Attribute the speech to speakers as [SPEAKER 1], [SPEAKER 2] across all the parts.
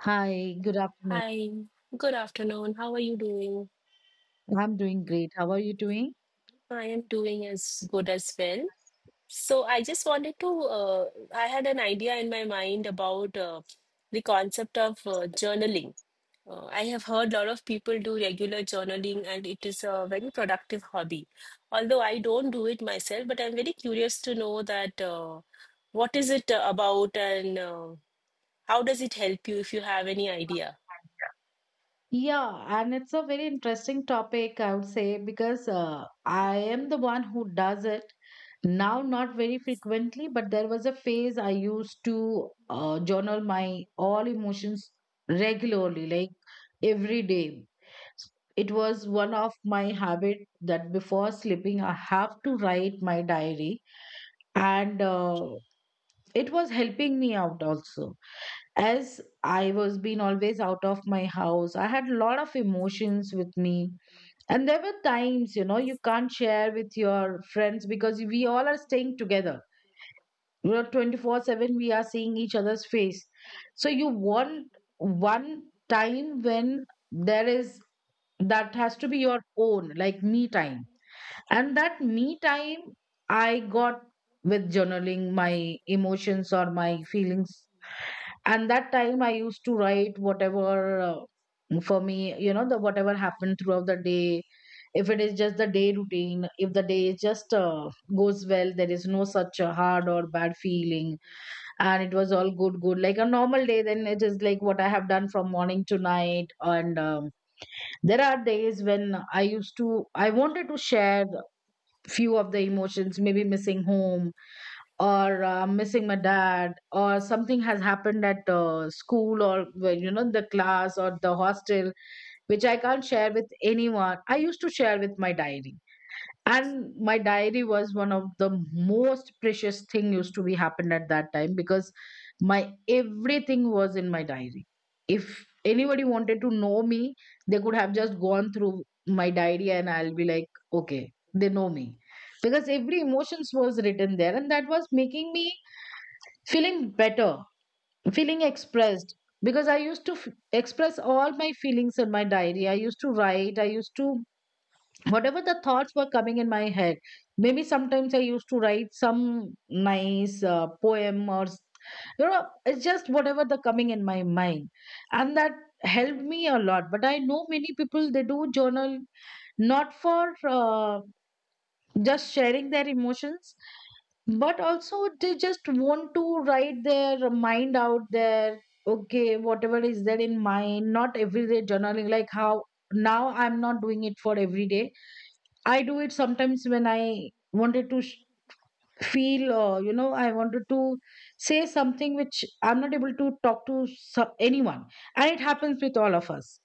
[SPEAKER 1] Hi, good afternoon.
[SPEAKER 2] Hi, good afternoon. How are you doing?
[SPEAKER 1] I'm doing great. How are you doing?
[SPEAKER 2] I am doing as good as well. So I just wanted to, uh, I had an idea in my mind about the concept of journaling. I have heard a lot of people do regular journaling, and it is a very productive hobby. Although I don't do it myself, but I'm very curious to know that what is it about, and how does it help you, if you have any idea?
[SPEAKER 1] Yeah, and it's a very interesting topic, I would say, because I am the one who does it now, not very frequently, but there was a phase I used to journal my all emotions regularly, like every day. It was one of my habit that before sleeping, I have to write my diary, and it was helping me out also. As I was been always out of my house, I had a lot of emotions with me. And there were times, you know, you can't share with your friends because we all are staying together. We're 24/7, we are seeing each other's face. So you want one time when there is that has to be your own, like me time. And that me time I got with journaling my emotions or my feelings, and that time I used to write whatever for me, you know, the whatever happened throughout the day. If it is just the day routine, if the day just goes well, there is no such a hard or bad feeling and it was all good good like a normal day, then it is like what I have done from morning to night. And there are days when i used to I wanted to share few of the emotions, maybe missing home or missing my dad, or something has happened at school or, well, you know, the class or the hostel, which I can't share with anyone. I used to share with my diary, and my diary was one of the most precious thing used to be happened at that time, because my everything was in my diary. If anybody wanted to know me, they could have just gone through my diary and I'll be like, okay, they know me, because every emotions was written there. And that was making me feeling better, feeling expressed, because I used to express all my feelings in my diary. I used to write, I used to, whatever the thoughts were coming in my head. Maybe sometimes I used to write some nice poem or you know, it's just whatever the coming in my mind. And that helped me a lot. But I know many people, they do journal not for just sharing their emotions, but also they just want to write their mind out there. Okay, whatever is there in mind. Not everyday journaling like how now I'm not doing it for every day. I do it sometimes when I wanted to feel, or, you know, I wanted to say something which I'm not able to talk to anyone. And it happens with all of us,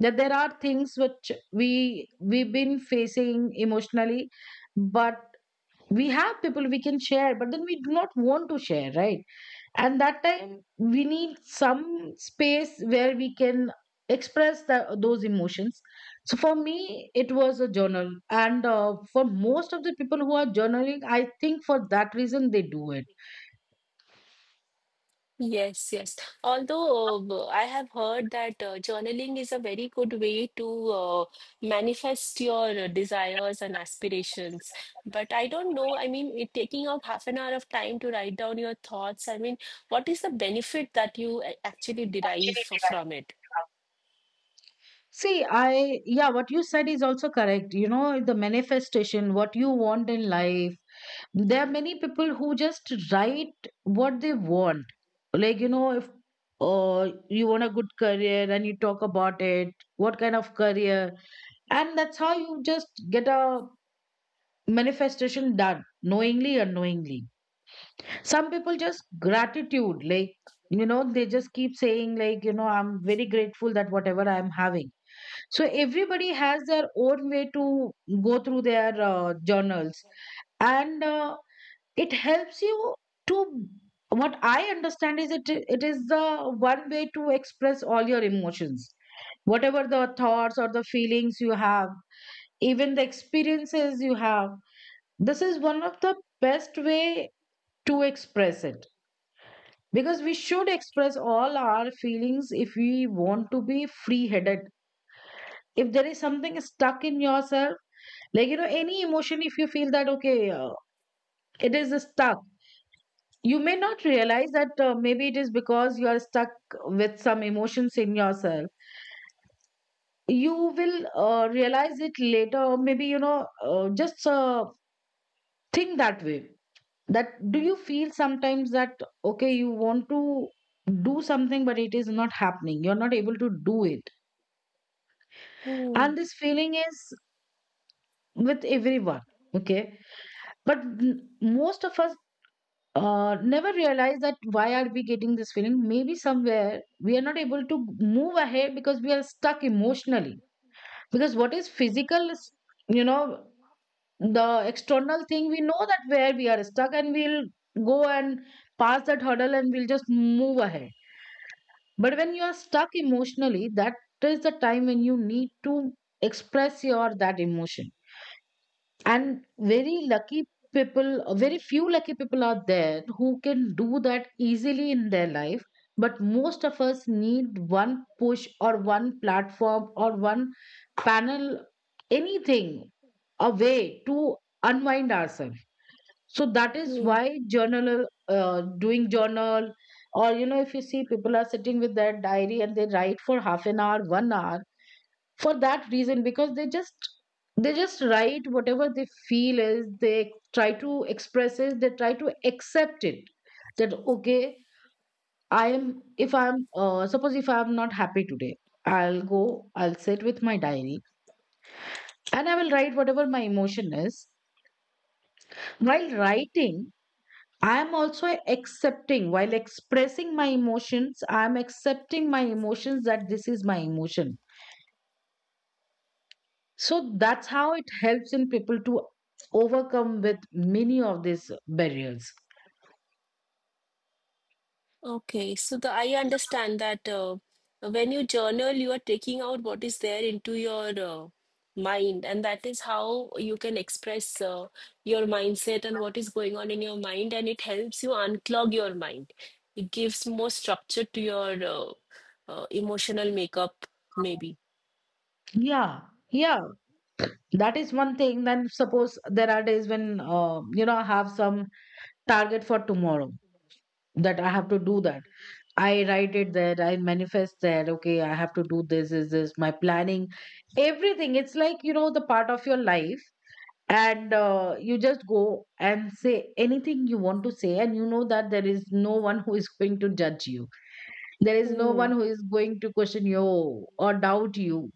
[SPEAKER 1] that there are things which we've been facing emotionally, but we have people we can share, but then we do not want to share, right? And that time we need some space where we can express those emotions. So for me it was a journal, and for most of the people who are journaling, I think for that reason they do it.
[SPEAKER 2] Yes, yes. Although I have heard that journaling is a very good way to manifest your desires and aspirations. But I don't know. I mean, it taking out half an hour of time to write down your thoughts. I mean, what is the benefit that you actually derive from it?
[SPEAKER 1] See, I yeah what you said is also correct. You know, the manifestation, what you want in life, there are many people who just write what they want. Like, you know, if you want a good career and you talk about it, what kind of career, and that's how you just get a manifestation done, knowingly, unknowingly. Some people just gratitude, like, you know, they just keep saying, like, you know, I'm very grateful that whatever I'm having. So everybody has their own way to go through their journals. And it helps you to, what I understand is, it is the one way to express all your emotions, whatever the thoughts or the feelings you have, even the experiences you have. This is one of the best way to express it, because we should express all our feelings if we want to be free headed. If there is something stuck in yourself, like, you know, any emotion, if you feel that, okay, it is stuck, you may not realize that maybe it is because you are stuck with some emotions in yourself. You will realize it later, or maybe, you know, just think that way, that do you feel sometimes that okay, you want to do something but it is not happening, you're not able to do it.
[SPEAKER 2] Hmm.
[SPEAKER 1] And this feeling is with everyone, okay. But most of us never realize that why are we getting this feeling. Maybe somewhere we are not able to move ahead because we are stuck emotionally. Because what is physical is, you know, the external thing, we know that where we are stuck and we'll go and pass that hurdle and we'll just move ahead. But when you are stuck emotionally, that is the time when you need to express your that emotion. And very lucky people, very few lucky people are there who can do that easily in their life. But most of us need one push or one platform or one panel, anything, a way to unwind ourselves. So that is why journal, doing journal, or, you know, if you see people are sitting with their diary and they write for half an hour, 1 hour, for that reason, because they just write whatever they feel is. They try to express it, they try to accept it. That okay, I am, if I'm suppose, if I'm not happy today, I'll go, I'll sit with my diary, and I will write whatever my emotion is. While writing, I am also accepting, while expressing my emotions, I am accepting my emotions, that this is my emotion. So that's how it helps in people to overcome with many of these barriers.
[SPEAKER 2] Okay, so the I understand that when you journal, you are taking out what is there into your mind, and that is how you can express your mindset and what is going on in your mind, and it helps you unclog your mind. It gives more structure to your emotional makeup, maybe.
[SPEAKER 1] Yeah, yeah, that is one thing. Then suppose there are days when you know I have some target for tomorrow, that I have to do that. I write it there. I manifest there. Okay, I have to do this. Is this my planning? Everything. It's like, you know, the part of your life, and you just go and say anything you want to say, and you know that there is no one who is going to judge you, there is no
[SPEAKER 2] Hmm.
[SPEAKER 1] one who is going to question you or doubt you.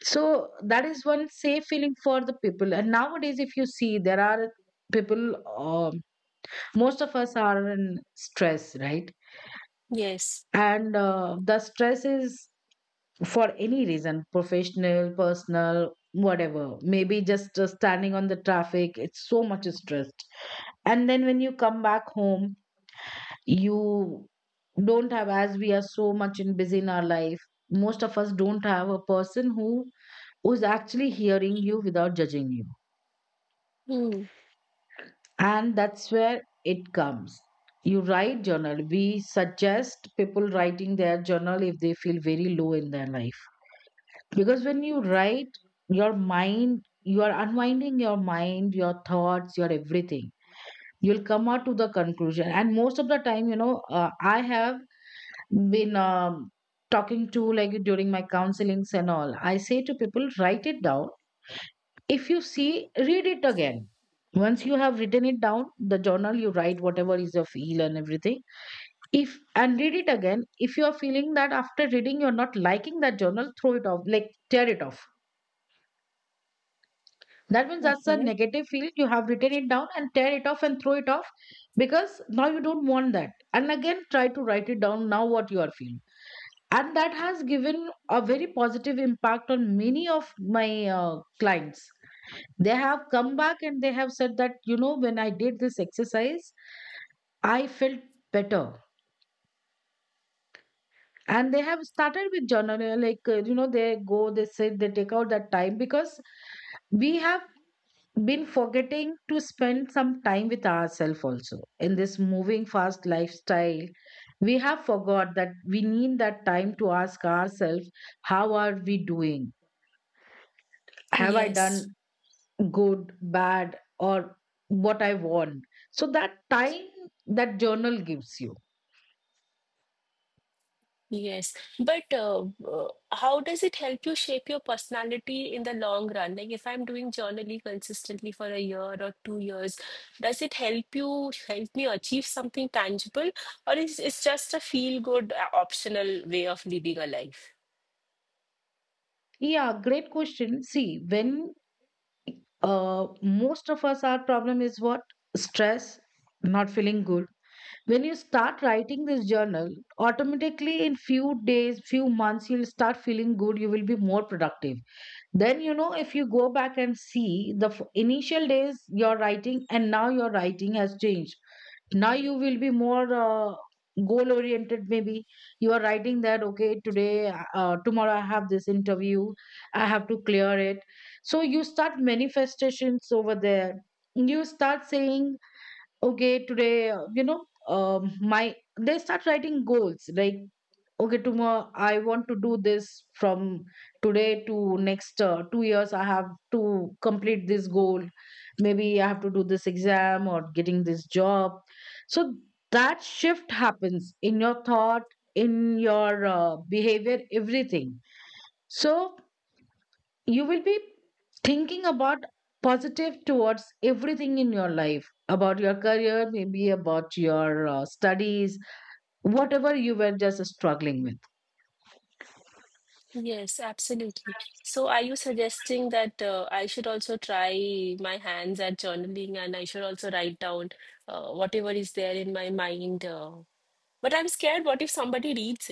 [SPEAKER 1] So that is one safe feeling for the people. And nowadays if you see, there are people, um, most of us are in stress, right?
[SPEAKER 2] Yes.
[SPEAKER 1] And the stress is for any reason, professional, personal, whatever, maybe just standing on the traffic, it's so much stressed. And then when you come back home, you don't have, as we are so much in busy in our life, most of us don't have a person who who's actually hearing you without judging you.
[SPEAKER 2] Mm.
[SPEAKER 1] And that's where it comes. You write journal, we suggest people writing their journal if they feel very low in their life. Because when you write your mind, you are unwinding your mind, your thoughts, your everything. You'll come out to the conclusion. And most of the time, you know, I have been talking to, like, during my counselings and all, I say to people, write it down. If you see, read it again. Once you have written it down, the journal, you write whatever is your feel and everything. If and read it again, if you are feeling that after reading you're not liking that journal, throw it off, like tear it off. That means that's a
[SPEAKER 2] Okay.
[SPEAKER 1] negative feel. You have written it down and tear it off and throw it off, because now you don't want that. And again, try to write it down now what you are feeling. And that has given a very positive impact on many of my clients. They have come back and they have said that, you know, when I did this exercise, I felt better. And they have started with journaling, like, you know, they go, they sit, they take out that time. Because we have been forgetting to spend some time with ourselves also in this moving fast lifestyle. We have forgot that we need that time to ask ourselves how are we doing. Have I
[SPEAKER 2] Yes.
[SPEAKER 1] done good, bad, or what I want. So that time, that journal gives you.
[SPEAKER 2] Yes, but how does it help you shape your personality in the long run? Like, if I'm doing journaling consistently for a year or 2 years, does it help you help me achieve something tangible, or is it just a feel-good optional way of living a life?
[SPEAKER 1] Yeah, great question. See, when most of us, our problem is what? Stress, not feeling good. When you start writing this journal, automatically in few days, few months, you'll start feeling good. You will be more productive. Then, if you go back and see the initial days you're writing and now your writing has changed. Now you will be more goal oriented maybe. You are writing that, okay, today, tomorrow I have this interview, I have to clear it. So you start manifestations over there. You start saying, okay, today, you know my they start writing goals like, okay, tomorrow I want to do this. From today to next 2 years I have to complete this goal, maybe I have to do this exam or getting this job. So that shift happens in your thought, in your behavior, everything. So you will be thinking about positive towards everything in your life, about your career, maybe about your studies, whatever you were just struggling with.
[SPEAKER 2] Yes, absolutely. So, are you suggesting that I should also try my hands at journaling, and I should also write down whatever is there in my mind? But I'm scared, what if somebody reads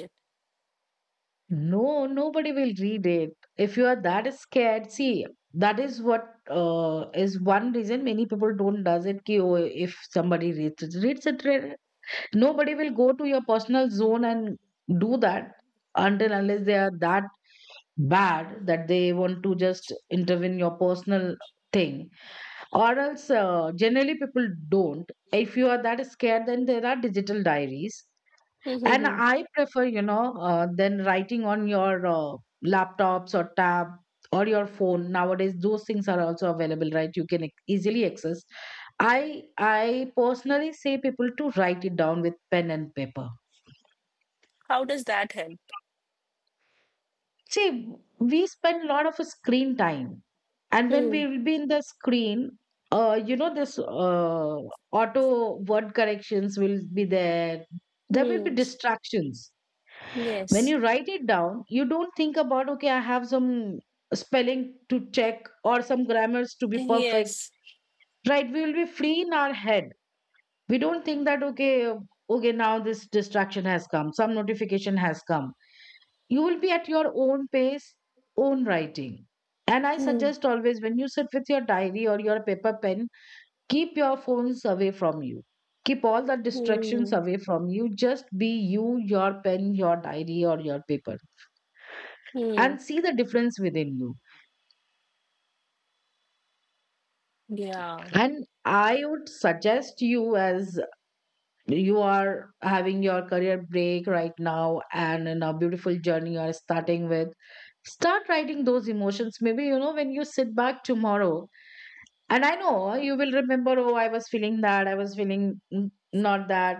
[SPEAKER 1] No, nobody will read it. If you are that scared, see, that is what is one reason many people don't does it, ki, oh, if somebody reads it, reads it, read it. Nobody will go to your personal zone and do that, until unless they are that bad that they want to just intervene your personal thing. Or else, generally people don't. If you are that scared, then there are digital diaries, and
[SPEAKER 2] it?
[SPEAKER 1] I prefer, than writing on your laptops or tab or your phone. Nowadays those things are also available, right? You can easily access. I personally say people to write it down with pen and paper.
[SPEAKER 2] How does that help?
[SPEAKER 1] See, we spend a lot of screen time, and when
[SPEAKER 2] Hmm.
[SPEAKER 1] we will be in the screen, you know, this auto word corrections will be there. There will be
[SPEAKER 2] Hmm.
[SPEAKER 1] distractions. When
[SPEAKER 2] Yes.
[SPEAKER 1] you write it down, you don't think about, okay, I have some spelling to check or some grammars to be perfect.
[SPEAKER 2] Yes.
[SPEAKER 1] Right? We will be free in our head. We don't think that, okay, now this distraction has come, some notification has come. You will be at your own pace, own writing. And I
[SPEAKER 2] Hmm.
[SPEAKER 1] suggest, always when you sit with your diary or your paper pen, keep your phones away from you, keep all the distractions
[SPEAKER 2] Hmm.
[SPEAKER 1] away from you. Just be you, your pen, your diary or your paper,
[SPEAKER 2] Hmm.
[SPEAKER 1] and see the difference within you.
[SPEAKER 2] Yeah.
[SPEAKER 1] And I would suggest you, as you are having your career break right now and in a beautiful journey you are starting with, start writing those emotions. Maybe you know when you sit back tomorrow. And I know you will remember, oh, I was feeling that, I was feeling not that.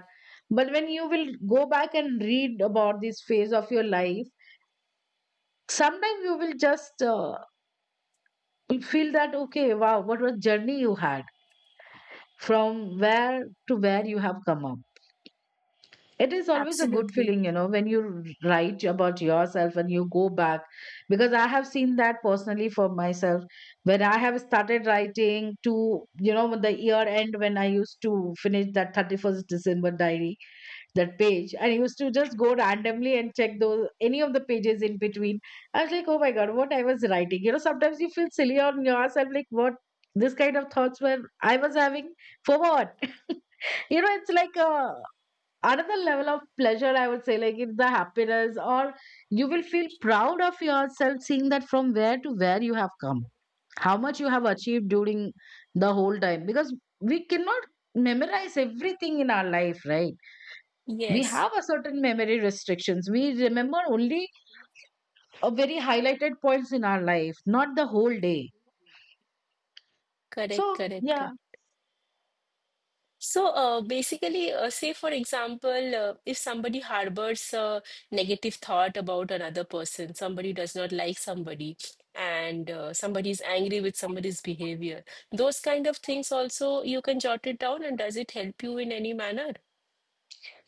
[SPEAKER 1] But when you will go back and read about this phase of your life, sometimes you will just feel that, okay, wow, what a journey you had from where to where you have come up. It is always a good
[SPEAKER 2] Absolutely.
[SPEAKER 1] feeling, when you write about yourself and you go back. Because I have seen that personally for myself. When I have started writing to, the year end, when I used to finish that 31st December diary, that page, I used to just go randomly and check those, any of the pages in between. I was like, oh my God, what I was writing. You know, sometimes you feel silly on yourself, like, what? This kind of thoughts were I was having, for what? You know, it's like a another level of pleasure, I would say. Like, it's the happiness, or you will feel proud of yourself, seeing that from where to where you have come, how much you have achieved during the whole time. Because we cannot memorize everything in our life, right? We
[SPEAKER 2] Yes.
[SPEAKER 1] have a certain memory restrictions. We remember only a very highlighted points in our life, not the whole day.
[SPEAKER 2] Correct,
[SPEAKER 1] So
[SPEAKER 2] correct,
[SPEAKER 1] yeah.
[SPEAKER 2] correct. So, basically, say for example, if somebody harbors a negative thought about another person, somebody does not like somebody, and somebody is angry with somebody's behavior, those kind of things also you can jot it down, and does it help you in any manner?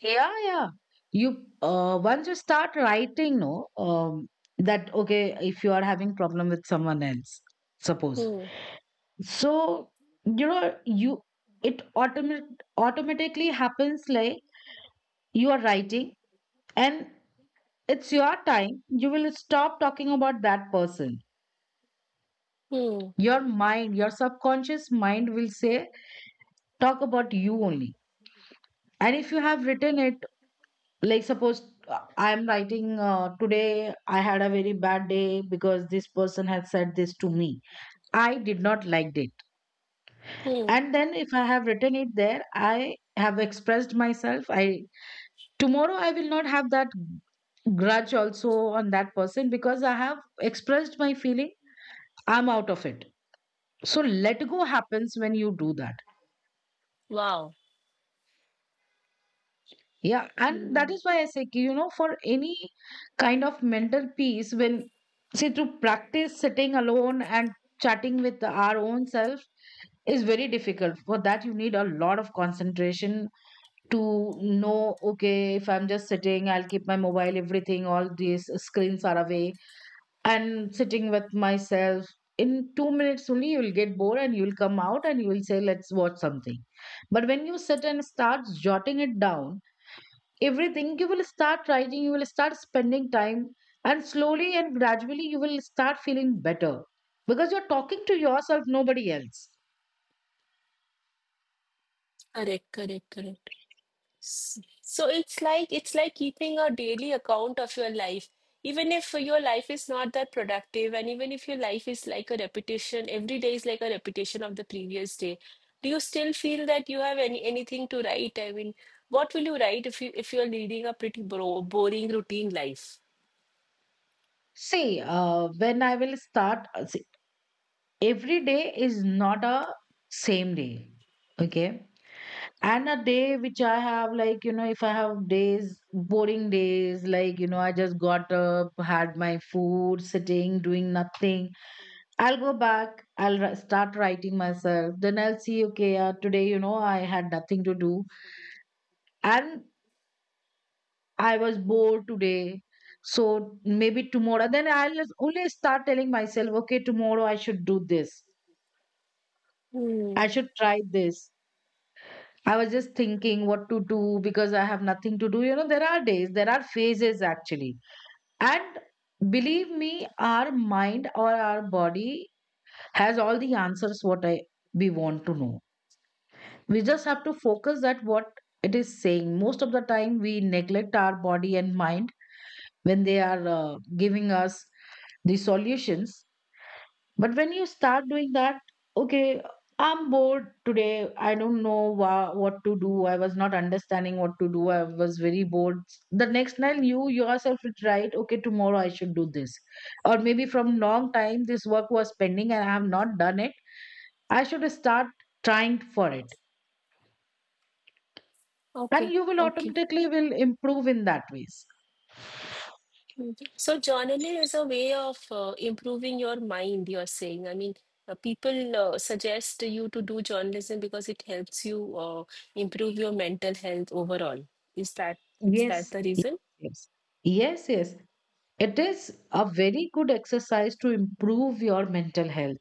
[SPEAKER 1] Yeah, yeah. You, once you start writing, no, that okay, if you are having problem with someone else, suppose.
[SPEAKER 2] Hmm,
[SPEAKER 1] So you know you, it automat automatically happens, like you are writing, and it's your time. You will stop talking about that person.
[SPEAKER 2] hmm,
[SPEAKER 1] Your mind, your subconscious mind will say, talk about you only. And if you have written it, like suppose, I'm writing, today I had a very bad day because this person has said this to me, I did not liked it.
[SPEAKER 2] hmm.
[SPEAKER 1] And then if I have written it there, I have expressed myself, I, tomorrow I will not have that grudge also on that person, because I have expressed my feeling, I'm out of it. So let go happens when you do that.
[SPEAKER 2] Wow.
[SPEAKER 1] Yeah, and that
[SPEAKER 2] Mm.
[SPEAKER 1] is why I say, ki, you know, for any kind of mental peace, when, see, to practice sitting alone and chatting with our own self is very difficult. For that, you need a lot of concentration to know, okay, if I'm just sitting, I'll keep my mobile, everything, all these screens are away, and sitting with myself. In 2 minutes only, you will get bored and you will come out and you will say, let's watch something. But when you sit and start jotting it down, everything you will start writing, you will start spending time, and slowly and gradually you will start feeling better, because you're talking to yourself, nobody else.
[SPEAKER 2] Correct, correct, correct. So it's like keeping a daily account of your life. Even if your life is not that productive, and even if your life is like a repetition, every day is like a repetition of the previous day. Do you still feel that you have any anything to write? I mean, what will you write if you if you're leading a pretty bro boring routine life?
[SPEAKER 1] See, when I will start see, every day is not a same day, okay? And a day which I have, like, you know, if I have days, boring days, like, you know, I just got up, had my food, sitting doing nothing. I'll go back. I'll start writing myself. Then I'll see, okay, today, you know, I had nothing to do, and I was bored today. So maybe tomorrow, then I'll just only start telling myself, okay, tomorrow I should do this.
[SPEAKER 2] Hmm.
[SPEAKER 1] I should try this. I was just thinking what to do because I have nothing to do. You know, there are days, there are phases actually. And believe me, our mind or our body has all the answers what I, we want to know. We just have to focus at what it is saying. Most of the time we neglect our body and mind when they are giving us the solutions. But when you start doing that, okay, I'm bored today, I don't know what to do, I was not understanding what to do, I was very bored, the next night you yourself will write, okay, tomorrow I should do this, or maybe from long time this work was pending and I have not done it, I should start trying for it. And
[SPEAKER 2] Okay,
[SPEAKER 1] you will
[SPEAKER 2] okay.
[SPEAKER 1] automatically will improve in that ways.
[SPEAKER 2] Mhm. So journaling is a way of improving your mind, you're saying. I mean, people suggest you to do journalism because it helps you improve your mental health overall. Is that is
[SPEAKER 1] Yes,
[SPEAKER 2] that the
[SPEAKER 1] yes,
[SPEAKER 2] reason?
[SPEAKER 1] yes. Yes, yes. It is a very good exercise to improve your mental health.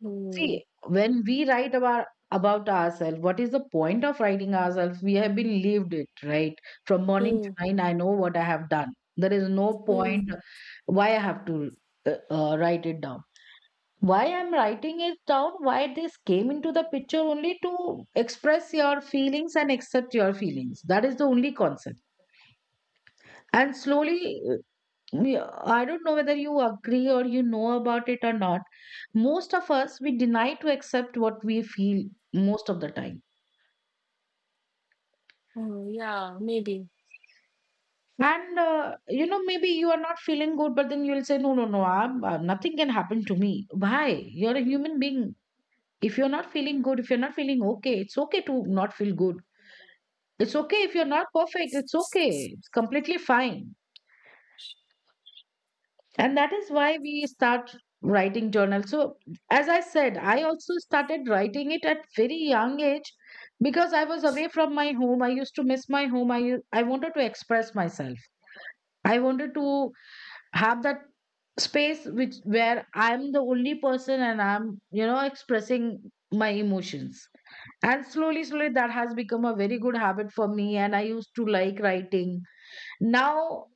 [SPEAKER 2] Hmm.
[SPEAKER 1] See, when we write about ourselves, what is the point of writing ourselves? We have been lived it, right? From morning
[SPEAKER 2] Hmm.
[SPEAKER 1] to night, I know what I have done. There is no
[SPEAKER 2] Hmm.
[SPEAKER 1] point why I have to write it down. Why I'm writing it down, why this came into the picture, only to express your feelings and accept your feelings, that is the only concept. And slowly, I don't know whether you agree or you know about it or not, most of us we deny to accept what we feel most of the time.
[SPEAKER 2] Hmm. Yeah, maybe.
[SPEAKER 1] And maybe you are not feeling good, but then you'll say, no, no, no, I'm, nothing can happen to me. Why? You're a human being. If you're not feeling good, if you're not feeling okay, it's okay to not feel good. It's okay if you're not perfect. It's okay. It's completely fine. And that is why we start writing journal. So, as I said, I also started writing it at very young age, because I was away from my home. I used to miss my home. I wanted to express myself. I wanted to have that space which where I'm the only person and I'm, you know, expressing my emotions. And slowly, slowly, that has become a very good habit for me. And I used to like writing. Now,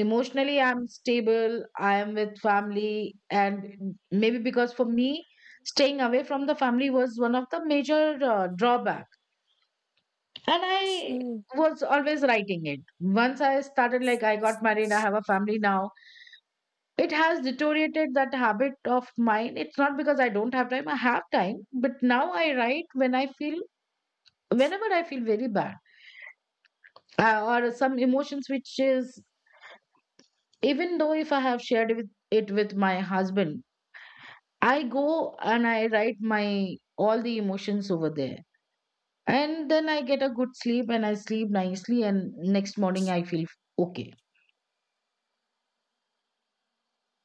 [SPEAKER 1] emotionally I'm stable, I am with family. And maybe because for me staying away from the family was one of the major drawback, and I
[SPEAKER 2] Hmm.
[SPEAKER 1] was always writing it. Once I started, like, I got married, I have a family now, it has deteriorated that habit of mine. It's not because I don't have time, I have time. But now I write when I feel, whenever I feel very bad, or some emotions which is, even though if I have shared with it with my husband, I go and I write my all the emotions over there. And then I get a good sleep, and I sleep nicely, and next morning I feel okay.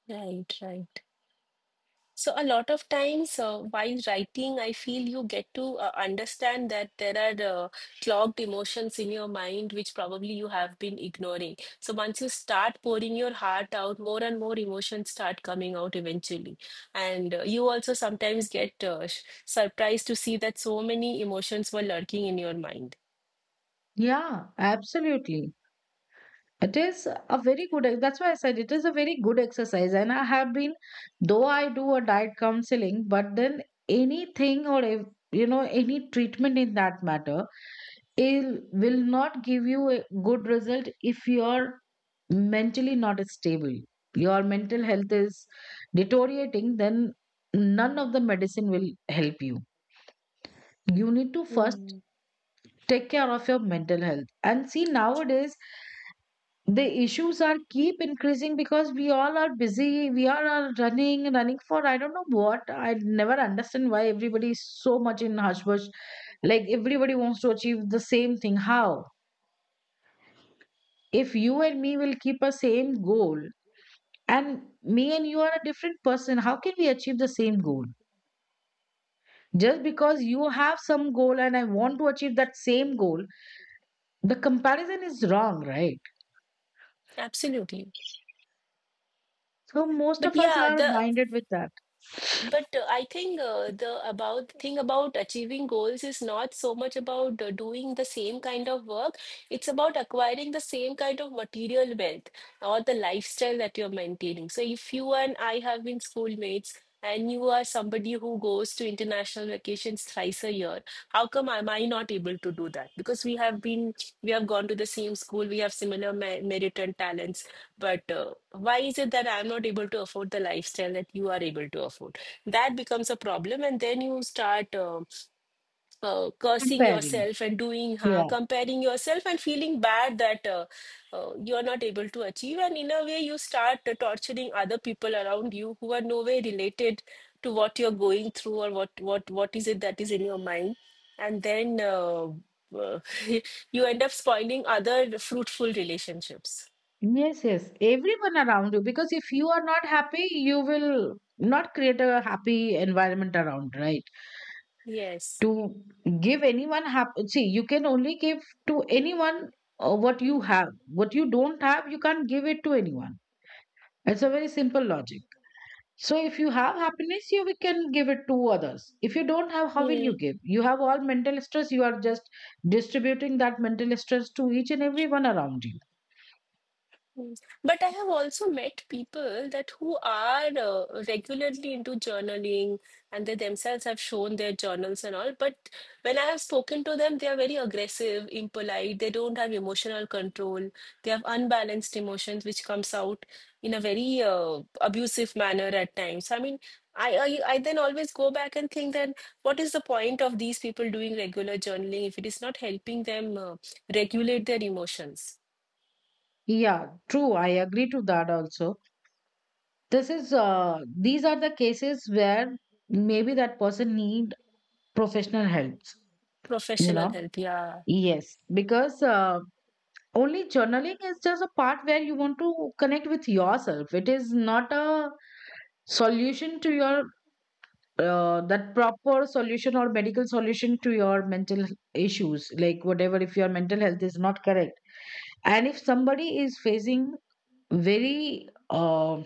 [SPEAKER 2] Right, right. So a lot of times while writing, I feel you get to understand that there are clogged emotions in your mind, which probably you have been ignoring. So once you start pouring your heart out, more and more emotions start coming out eventually. And you also sometimes get surprised to see that so many emotions were lurking in your mind.
[SPEAKER 1] Yeah, absolutely. It is a very good that's why I said it is a very good exercise. And I have been, though I do a diet counseling, but then anything, or if, you know, any treatment in that matter, it will not give you a good result if your mentally not stable, your mental health is deteriorating, then none of the medicine will help you. You need to first
[SPEAKER 2] Mm,
[SPEAKER 1] take care of your mental health. And see, nowadays, the issues are keep increasing because we all are busy, we are all running for I don't know what. I never understand why everybody is so much in hush bush. Like, everybody wants to achieve the same thing. How, if you and me will keep a same goal, and me and you are a different person, how can we achieve the same goal? Just because you have some goal and I want to achieve that same goal, the comparison is wrong, right?
[SPEAKER 2] absolutely.
[SPEAKER 1] So most
[SPEAKER 2] But
[SPEAKER 1] of us
[SPEAKER 2] yeah,
[SPEAKER 1] are
[SPEAKER 2] the
[SPEAKER 1] minded with that.
[SPEAKER 2] But I think the about thing about achieving goals is not so much about doing the same kind of work. It's about acquiring the same kind of material wealth, or the lifestyle that you're maintaining. So if you and I have been schoolmates, and you are somebody who goes to international vacations thrice a year, how come am I not able to do that? Because we have been we have gone to the same school, we have similar me merit and talents, but why is it that I'm not able to afford the lifestyle that you are able to afford? That becomes a problem, and then you start cursing
[SPEAKER 1] Comparing,
[SPEAKER 2] yourself and doing ha
[SPEAKER 1] yeah.
[SPEAKER 2] comparing yourself and feeling bad that you are not able to achieve, and in a way you start torturing other people around you who are no way related to what you're going through, or what is it that is in your mind, and then uh, you end up spoiling other fruitful relationships.
[SPEAKER 1] Yes, everyone around you, because if you are not happy you will not create a happy environment around, right?
[SPEAKER 2] Yes.
[SPEAKER 1] To give anyone happy, see, you can only give to anyone, what you have. What you don't have, you can't give it to anyone. It's a very simple logic. So if you have happiness, you we can give it to others. If you don't have, how will you
[SPEAKER 2] Hmm.
[SPEAKER 1] give? You have all mental stress, you are just distributing that mental stress to each and everyone around you.
[SPEAKER 2] Mm. But I have also met people that who are regularly into journaling, and they themselves have shown their journals and all. But when I have spoken to them, they are very aggressive, impolite. They don't have emotional control. They have unbalanced emotions, which comes out in a very abusive manner at times. I mean, I then always go back and think that what is the point of these people doing regular journaling if it is not helping them regulate their emotions?
[SPEAKER 1] Yeah, true. I agree to that also. This is, these are the cases where maybe that person need professional helps, you
[SPEAKER 2] Professional
[SPEAKER 1] know.
[SPEAKER 2] help, yeah.
[SPEAKER 1] Yes, because only journaling is just a part where you want to connect with yourself. It is not a solution to your, that proper solution or medical solution to your mental issues. Like, whatever, if your mental health is not correct and if somebody is facing very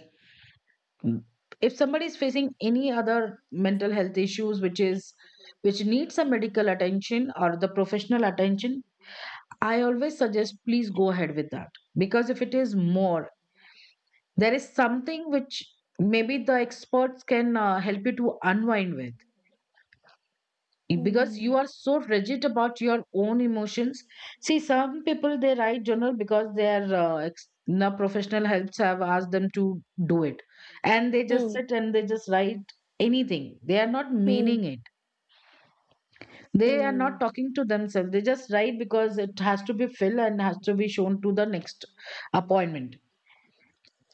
[SPEAKER 1] Mm. if somebody is facing any other mental health issues which is, which needs some medical attention or the professional attention, I always suggest, please go ahead with that. Because if it is more, there is something which maybe the experts can, help you to unwind with. Because
[SPEAKER 2] Hmm.
[SPEAKER 1] you are so rigid about your own emotions. See, some people they write journal because their ex- na professional helps have asked them to do it, and they just
[SPEAKER 2] Hmm.
[SPEAKER 1] sit and they just write anything. They are not
[SPEAKER 2] Hmm.
[SPEAKER 1] meaning it, they are not
[SPEAKER 2] Hmm.
[SPEAKER 1] talking to themselves. They just write because it has to be filled and has to be shown to the next appointment.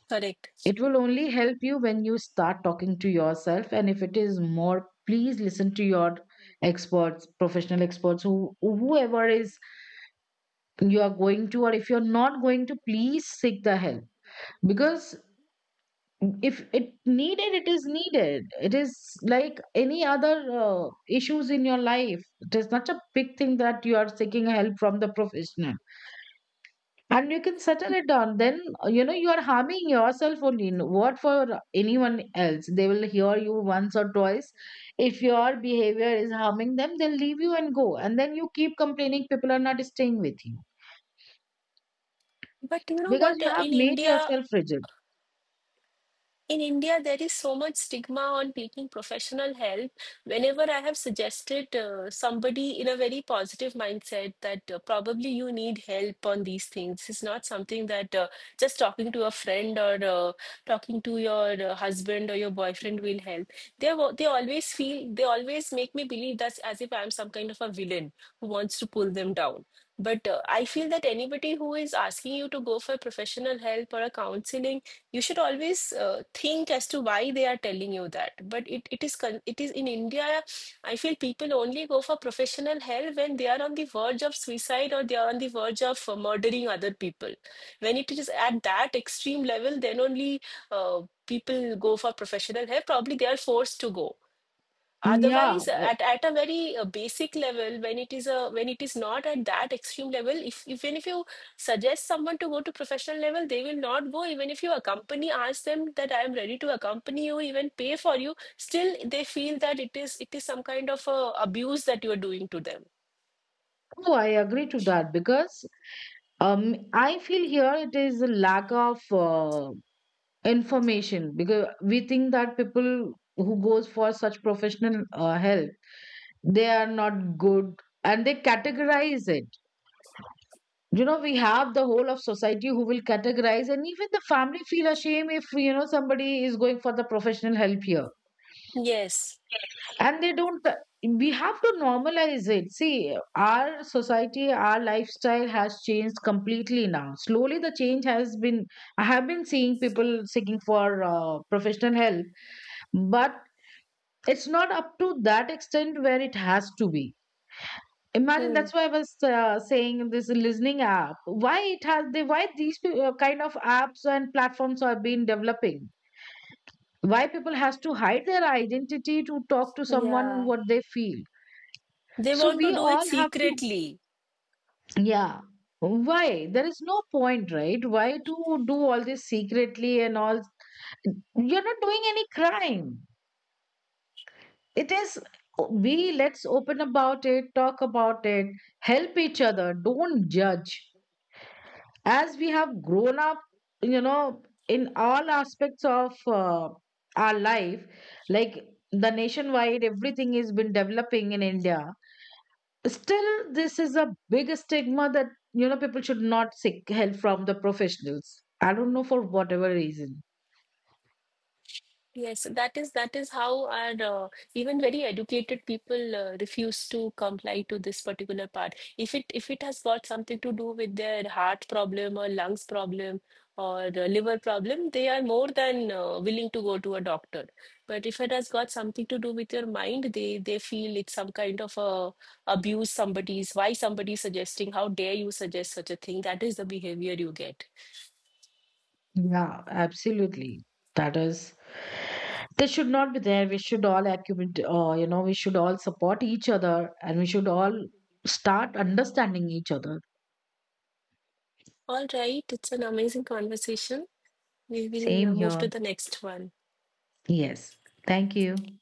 [SPEAKER 2] Correct.
[SPEAKER 1] It will only help you when you start talking to yourself. And if it is more, please listen to your experts, professional experts, who whoever is, you are going to, or if you're not going to, please seek the help. Because if it needed, it is needed. It is like any other issues in your life. It is not a big thing that you are seeking help from the professional, and you can settle it down. Then, you know, you are harming yourself only. What for? Anyone else, they will hear you once or twice. If your behavior is harming them, they'll leave you and go, and then you keep complaining people are not staying with you,
[SPEAKER 2] But you know
[SPEAKER 1] because
[SPEAKER 2] what?
[SPEAKER 1] you have made yourself rigid.
[SPEAKER 2] In India, there is so much stigma on taking professional help. Whenever I have suggested somebody in a very positive mindset that probably you need help on these things, it's not something that just talking to a friend, or talking to your husband or your boyfriend will help. They they always feel, they always make me believe that's as if I'm some kind of a villain who wants to pull them down. But I feel that anybody who is asking you to go for professional help or a counseling, you should always think as to why they are telling you that. But it is it is in india, I feel people only go for professional help when they are on the verge of suicide, or they are on the verge of murdering other people. When it is at that extreme level, then only people go for professional help, probably they are forced to go.
[SPEAKER 1] Yeah,
[SPEAKER 2] Otherwise,
[SPEAKER 1] I,
[SPEAKER 2] at a very basic level, when it is not at that extreme level, if even if you suggest someone to go to professional level, they will not go. Even if you accompany, ask them that I am ready to accompany you, even pay for you, still they feel that it is some kind of abuse that you are doing to them.
[SPEAKER 1] oh, I agree to that. Because I feel here it is a lack of information. Because we think that people who goes for such professional help, they are not good, and they categorize it. You know, we have the whole of society who will categorize, and even the family feel ashamed if, you know, somebody is going for the professional help here,
[SPEAKER 2] Yes.
[SPEAKER 1] and they don't. We have to normalize it. See, our society, our lifestyle has changed completely. Now slowly the change has been, I have been seeing people seeking for professional help, but it's not up to that extent where it has to be. Imagine,
[SPEAKER 2] Hmm.
[SPEAKER 1] that's why I was, saying, in this listening app, why it has, they, why these kind of apps and platforms are being developing, why people has to hide their identity to talk to someone
[SPEAKER 2] Yeah.
[SPEAKER 1] what they feel.
[SPEAKER 2] They
[SPEAKER 1] So
[SPEAKER 2] want to
[SPEAKER 1] we
[SPEAKER 2] do it
[SPEAKER 1] all have to,
[SPEAKER 2] secretly.
[SPEAKER 1] yeah. Why? There is no point, right? Why to do all this secretly and all? You're not doing any crime. It is, we, let's open about it, talk about it, help each other, don't judge. As we have grown up, you know, in all aspects of our life, like the nationwide, everything has been developing in India. Still, this is a big stigma that, you know, people should not seek help from the professionals. I don't know for whatever reason.
[SPEAKER 2] Yes, that is how our even very educated people refuse to comply to this particular part. If it has got something to do with their heart problem or lungs problem, or the liver problem, they are more than willing to go to a doctor. But if it has got something to do with your mind, they feel it's some kind of a abuse. Somebody's why somebody's suggesting? How dare you suggest such a thing? That is the behavior you get.
[SPEAKER 1] Yeah, absolutely. That is, they should not be there. We should all accumulate, you know, we should all support each other and we should all start understanding each other.
[SPEAKER 2] All right, it's an amazing conversation. We will
[SPEAKER 1] Same
[SPEAKER 2] move to
[SPEAKER 1] here.
[SPEAKER 2] the next one.
[SPEAKER 1] Yes. Thank you.